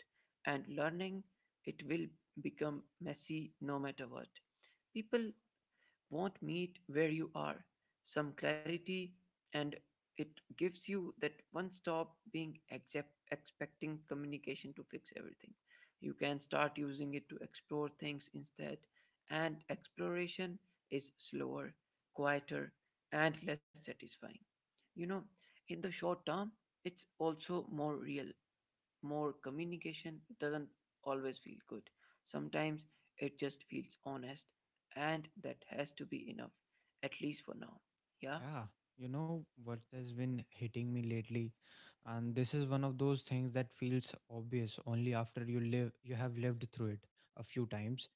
and learning it will become messy no matter what. People won't meet where you are. Some clarity, and it gives you that one stop being accept, expecting communication to fix everything. You can start using it to explore things instead, and exploration is slower, quieter, and less satisfying. You know, in the short term, it's also more real more communication it doesn't always feel good. Sometimes it just feels honest, and that has to be enough, at least for now. Yeah?
Yeah, you know what has been hitting me lately, and this is one of those things that feels obvious only after you live you have lived through it a few times,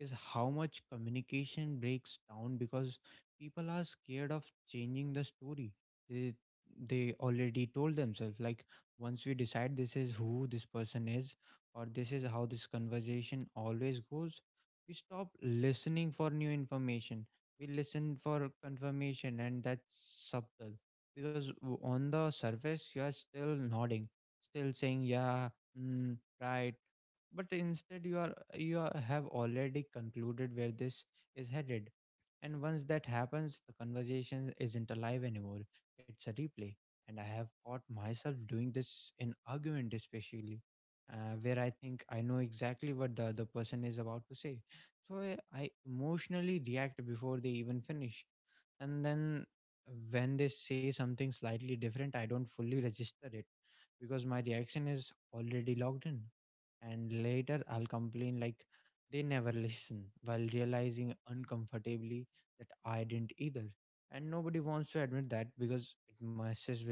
is how much communication breaks down because people are scared of changing the story they they already told themselves. Like once we decide this is who this person is, or this is how this conversation always goes, we stop listening for new information, we listen for confirmation. And that's subtle because w- on the surface you are still nodding, still saying yeah, mm, right, but instead you are you are, have already concluded where this is headed. And once that happens, the conversation isn't alive anymore, it's a replay. And I have caught myself doing this in argument especially, uh, where I think I know exactly what the other person is about to say, so i, I emotionally react before they even finish, and then when they say something slightly different, I don't fully register it because my reaction is already logged in. And later I'll complain like they never listen, while realizing uncomfortably that I didn't either. And nobody wants to admit that because it messes with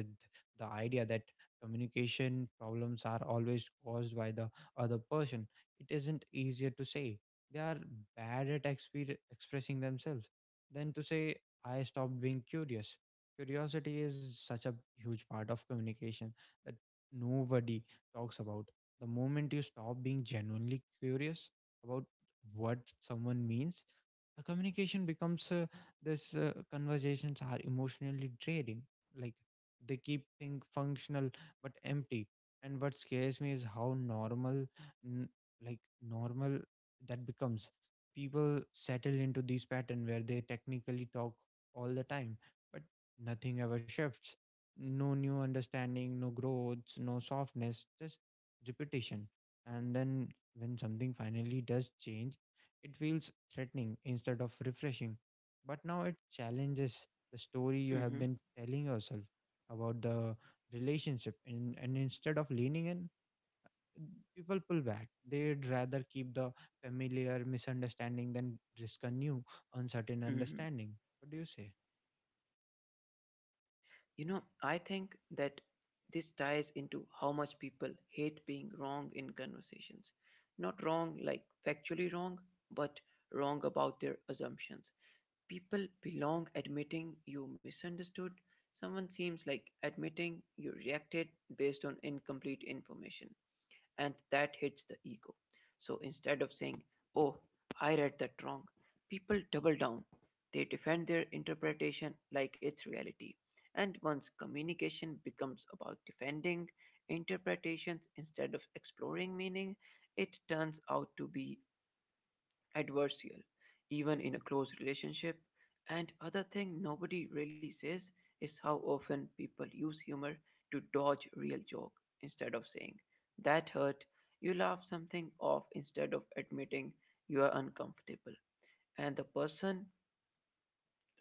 the idea that communication problems are always caused by the other person. It isn't easier to say they are bad at exper- expressing themselves than to say I stopped being curious. Curiosity is such a huge part of communication that nobody talks about. The moment you stop being genuinely curious about what someone means, a communication becomes uh, this uh, conversations are emotionally draining. Like they keep things functional but empty. And what scares me is how normal, n- like normal that becomes. People settle into these pattern where they technically talk all the time, but nothing ever shifts. No new understanding, no growth, no softness, just repetition. And then when something finally does change, it feels threatening instead of refreshing. But now it challenges the story you
Mm-hmm.
have been telling yourself about the relationship. And, and instead of leaning in, people pull back. They'd rather keep the familiar misunderstanding than risk a new, uncertain
Mm-hmm.
understanding. What do you say?
You know, I think that this ties into how much people hate being wrong in conversations. Not wrong, like factually wrong, but wrong about their assumptions. People belong admitting you misunderstood. Someone seems like admitting you reacted based on incomplete information. And that hits the ego. So instead of saying, oh, I read that wrong, people double down. They defend their interpretation like it's reality. And once communication becomes about defending interpretations instead of exploring meaning, it turns out to be adversarial, even in a close relationship. And other thing nobody really says is how often people use humor to dodge real joke instead of saying that hurt. You laugh something off instead of admitting you are uncomfortable. And the person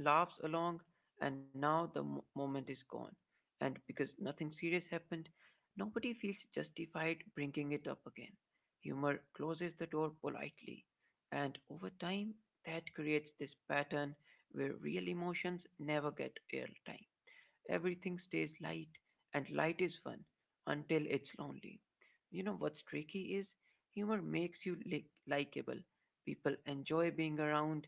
laughs along, and now the mo- moment is gone. And because nothing serious happened, nobody feels justified bringing it up again. Humor closes the door politely, and over time, that creates this pattern where real emotions never get airtime. Everything stays light, and light is fun until it's lonely. You know what's tricky is humor makes you li- likable. People enjoy being around,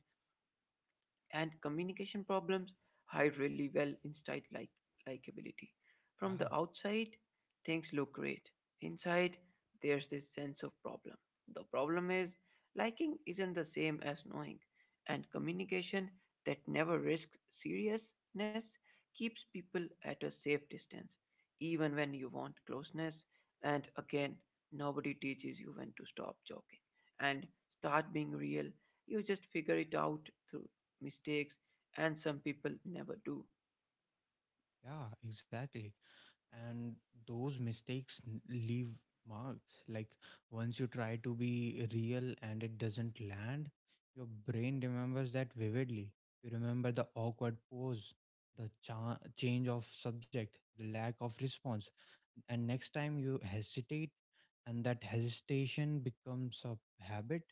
and communication problems hide really well inside like likability. From
Yeah,
the outside, things look great. Inside, there's this sense of problem. The problem is liking isn't the same as knowing, and communication that never risks seriousness keeps people at a safe distance, even when you want closeness. And again, nobody teaches you when to stop joking and start being real. You just figure it out through mistakes, and some people never do.
yeah, exactly. And those mistakes n- leave marks. Like once you try to be real and it doesn't land, your brain remembers that vividly. You remember the awkward pose, the cha- change of subject, the lack of response, and next time you hesitate, and that hesitation becomes a habit.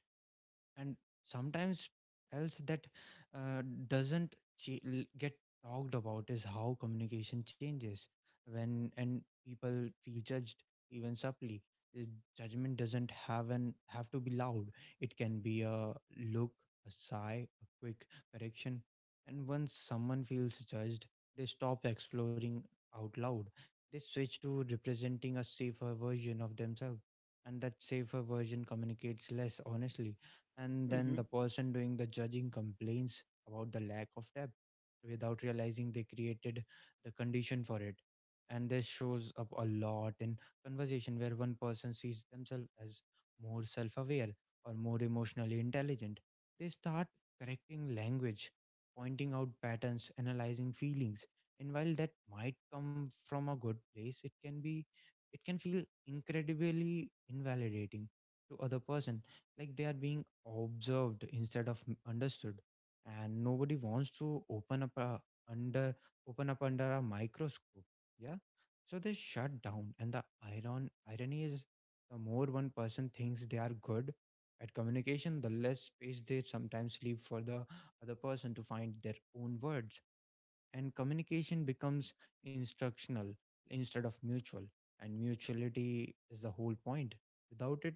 And sometimes else that uh, doesn't ch- get talked about is how communication changes when and people feel judged, even subtly. Uh, Judgment doesn't have an have to be loud, it can be a look, a sigh, a quick correction. And once someone feels judged, they stop exploring out loud, they switch to representing a safer version of themselves, and that safer version communicates less honestly. And then
Hmm.
the person doing the judging complains about the lack of depth without realizing they created the condition for it. And this shows up a lot in conversation where one person sees themselves as more self-aware or more emotionally intelligent. They start correcting language, pointing out patterns, analyzing feelings. And while that might come from a good place, it can be it can feel incredibly invalidating to other person, like they are being observed instead of m- understood. And nobody wants to open up a, under open up under a microscope. Yeah. So they shut down. And the iron irony is the more one person thinks they are good at communication, the less space they sometimes leave for the other person to find their own words. And communication becomes instructional instead of mutual. And mutuality is the whole point. Without it,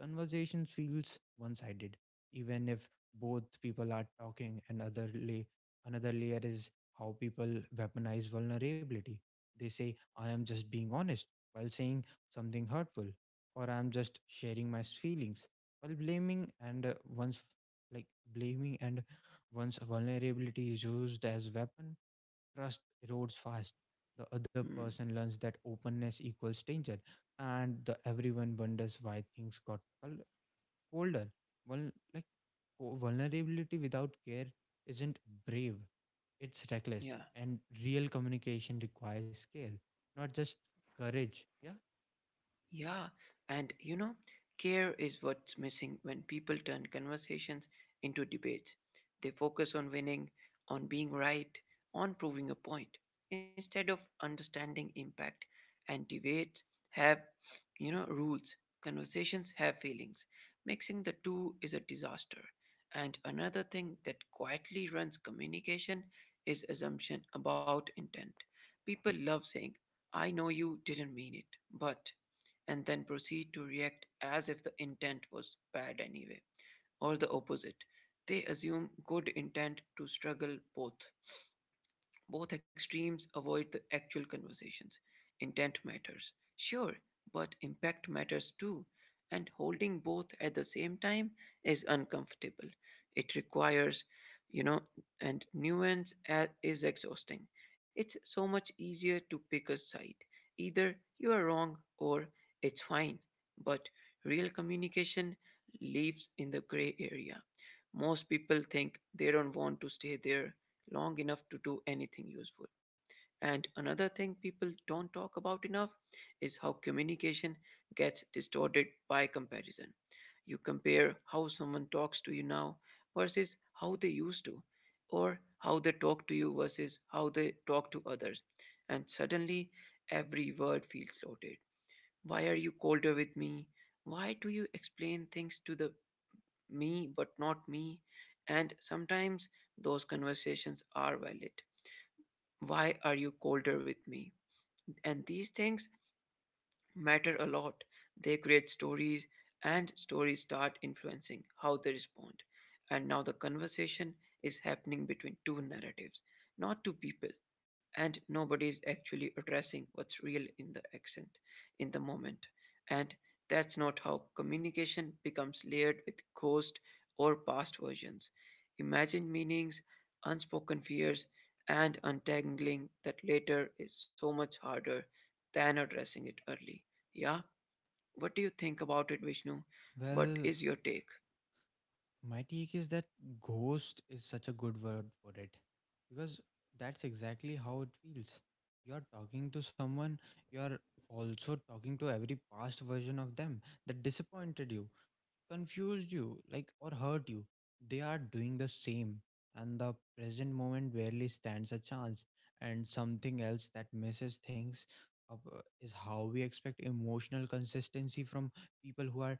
conversation feels one-sided, even if both people are talking. And other lay, another layer is how people weaponize vulnerability. They say I am just being honest while saying something hurtful, or I am just sharing my feelings while blaming. And uh, one's like blaming and one's vulnerability is used as weapon, trust erodes fast. The other
Hmm.
person learns that openness equals danger, and the everyone wonders why things got col- colder. Well, like co- vulnerability without care isn't brave, it's reckless.
Yeah.
And real communication requires care, not just courage. Yeah.
Yeah, and you know, care is what's missing when people turn conversations into debates. They focus on winning, on being right, on proving a point, instead of understanding impact. And debates have, you know, rules. Conversations have feelings. Mixing the two is a disaster. And another thing that quietly runs communication is assumption about intent. People love saying, I know you didn't mean it, but, and then proceed to react as if the intent was bad anyway, or the opposite. They assume good intent to struggle both. Both extremes avoid the actual conversations. Intent matters, sure, but impact matters too. And holding both at the same time is uncomfortable. It requires, you know, and nuance a- is exhausting. It's so much easier to pick a side. Either you are wrong or it's fine. But real communication lives in the gray area. Most people think they don't want to stay there long enough to do anything useful. And another thing people don't talk about enough is how communication gets distorted by comparison. You compare how someone talks to you now versus how they used to, or how they talk to you versus how they talk to others. And suddenly, every word feels loaded. Why are you colder with me? Why do you explain things to the me but not me? And sometimes those conversations are valid, why are you colder with me? And these things matter a lot. They create stories, and stories start influencing how they respond. And now the conversation is happening between two narratives, not two people. And nobody is actually addressing what's real in the accent, in the moment. And that's not how communication becomes layered with ghost or past versions. Imagined meanings, unspoken fears, and untangling that later is so much harder than addressing it early. Yeah. What do you think about it, Vishnu? What
Well,
is your take?
my take is that ghost is such a good word for it because that's exactly how it feels. You're talking to someone, you're also talking to every past version of them that disappointed you, confused you, like or hurt you. They are doing the same, and the present moment barely stands a chance. And something else that messes things up uh, is how we expect emotional consistency from people who are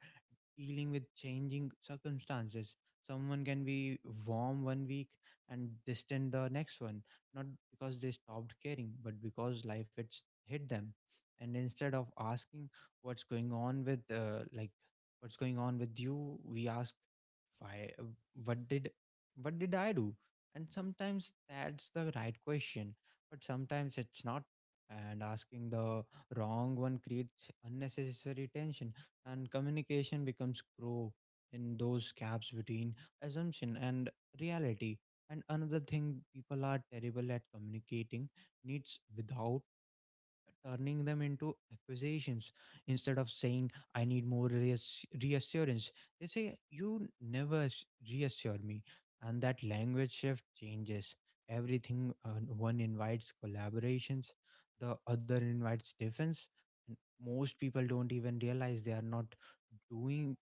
dealing with changing circumstances. Someone can be warm one week and distant the next one, not because they stopped caring, but because life it's hit them. And instead of asking what's going on with, uh, like, what's going on with you, we ask, why? uh, What did, what did I do? And sometimes that's the right question, but sometimes it's not. And asking the wrong one creates unnecessary tension, and communication becomes crow in those gaps between assumption and reality. And another thing, people are terrible at communicating needs without turning them into accusations. Instead of saying I need more reass- reassurance, they say you never s- reassure me. And that language shift changes everything. Uh, one invites collaborations, the other invites defense. And most people don't even realize they are not doing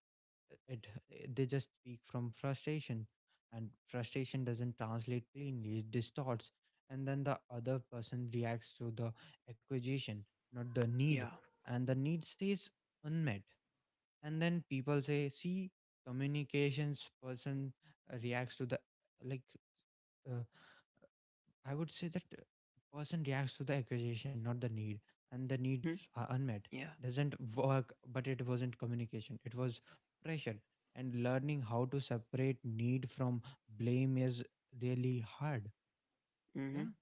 it, they just speak from frustration, and frustration doesn't translate cleanly, it distorts. And then the other person reacts to the acquisition, not the need,
Yeah.
and the need stays unmet. And then people say, see, communications person uh, reacts to the like uh, I would say that uh, person reacts to the accusation, not the need, and the needs
Mm-hmm.
are unmet.
Yeah.
Doesn't work, but it wasn't communication. It was pressure, and learning how to separate need from blame is really hard. Yeah,
Mm-hmm.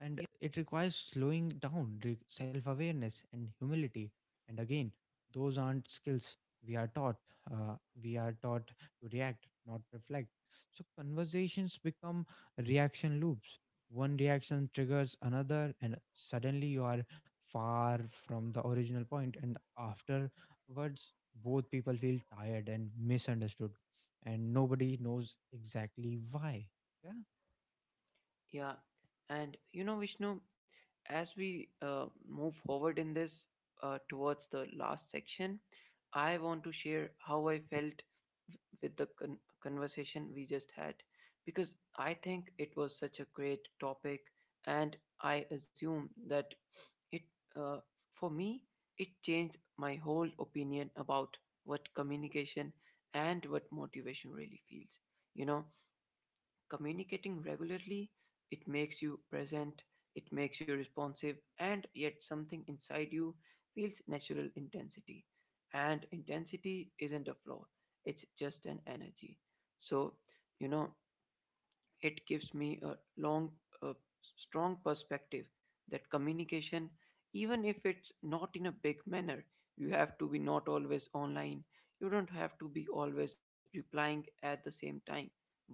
and it requires slowing down, re- self awareness, and humility. And again, those aren't skills we are taught. Uh, we are taught to react, not reflect. So conversations become reaction loops. One reaction triggers another, and suddenly you are far from the original point. And afterwards, both people feel tired and misunderstood, and nobody knows exactly why. Yeah.
Yeah. And you know, Vishnu, as we uh, move forward in this uh, towards the last section, I want to share how I felt w- with the con- conversation we just had because I think it was such a great topic, and I assume that It uh, for me it changed my whole opinion about what communication and what motivation really feels. You know, communicating regularly it makes you present, it makes you responsive, and yet something inside you feels natural intensity. And intensity isn't a flaw; it's just an energy. So you know it gives me a long, a strong perspective that communication, even if it's not in a big manner, you have to be not always online. You don't have to be always replying at the same time. But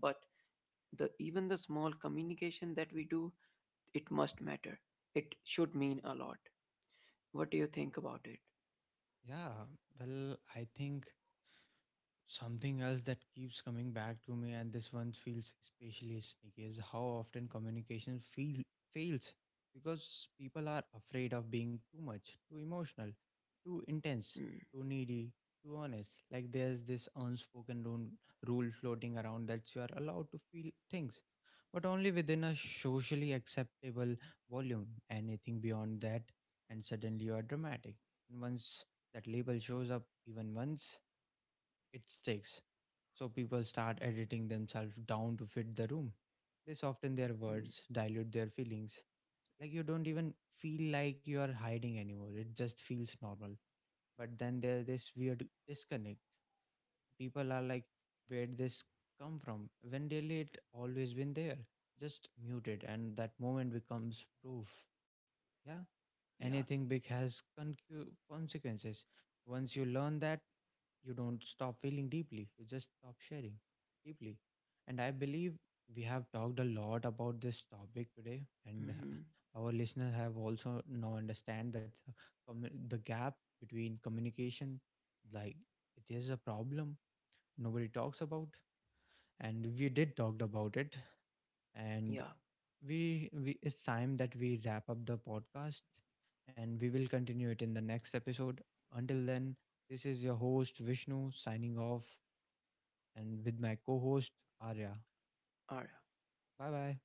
the even the small communication that we do, it must matter. It should mean a lot. What do you think about it?
Yeah, well, I think something else that keeps coming back to me, and this one feels especially sneaky, is how often communication feel, fails because people are afraid of being too much, too emotional, too intense,
Mm,
too needy, too honest. Like there's this unspoken rule, rule floating around that you are allowed to feel things, but only within a socially acceptable volume. Anything beyond that, and suddenly you are dramatic. And once that label shows up, even once, it sticks. So people start editing themselves down to fit the room. They soften their
mm,
words, dilute their feelings. Like you don't even feel like you are hiding anymore. It just feels normal. But then there's this weird disconnect. People are like, where would this come from? When really it always been there, just muted, and that moment becomes proof. Yeah.
yeah.
Anything big has concu- consequences. Once you learn that, you don't stop feeling deeply, you just stop sharing deeply. And I believe we have talked a lot about this topic today, and
Hmm.
uh, our listeners have also now understand that uh, commu- the gap between communication, like it is a problem nobody talks about, and we did talked about it, and
Yeah.
we, we it's time that we wrap up the podcast and we will continue it in the next episode. Until then, this is your host Vishnu signing off, and with my co-host Arya.
All right.
Bye bye.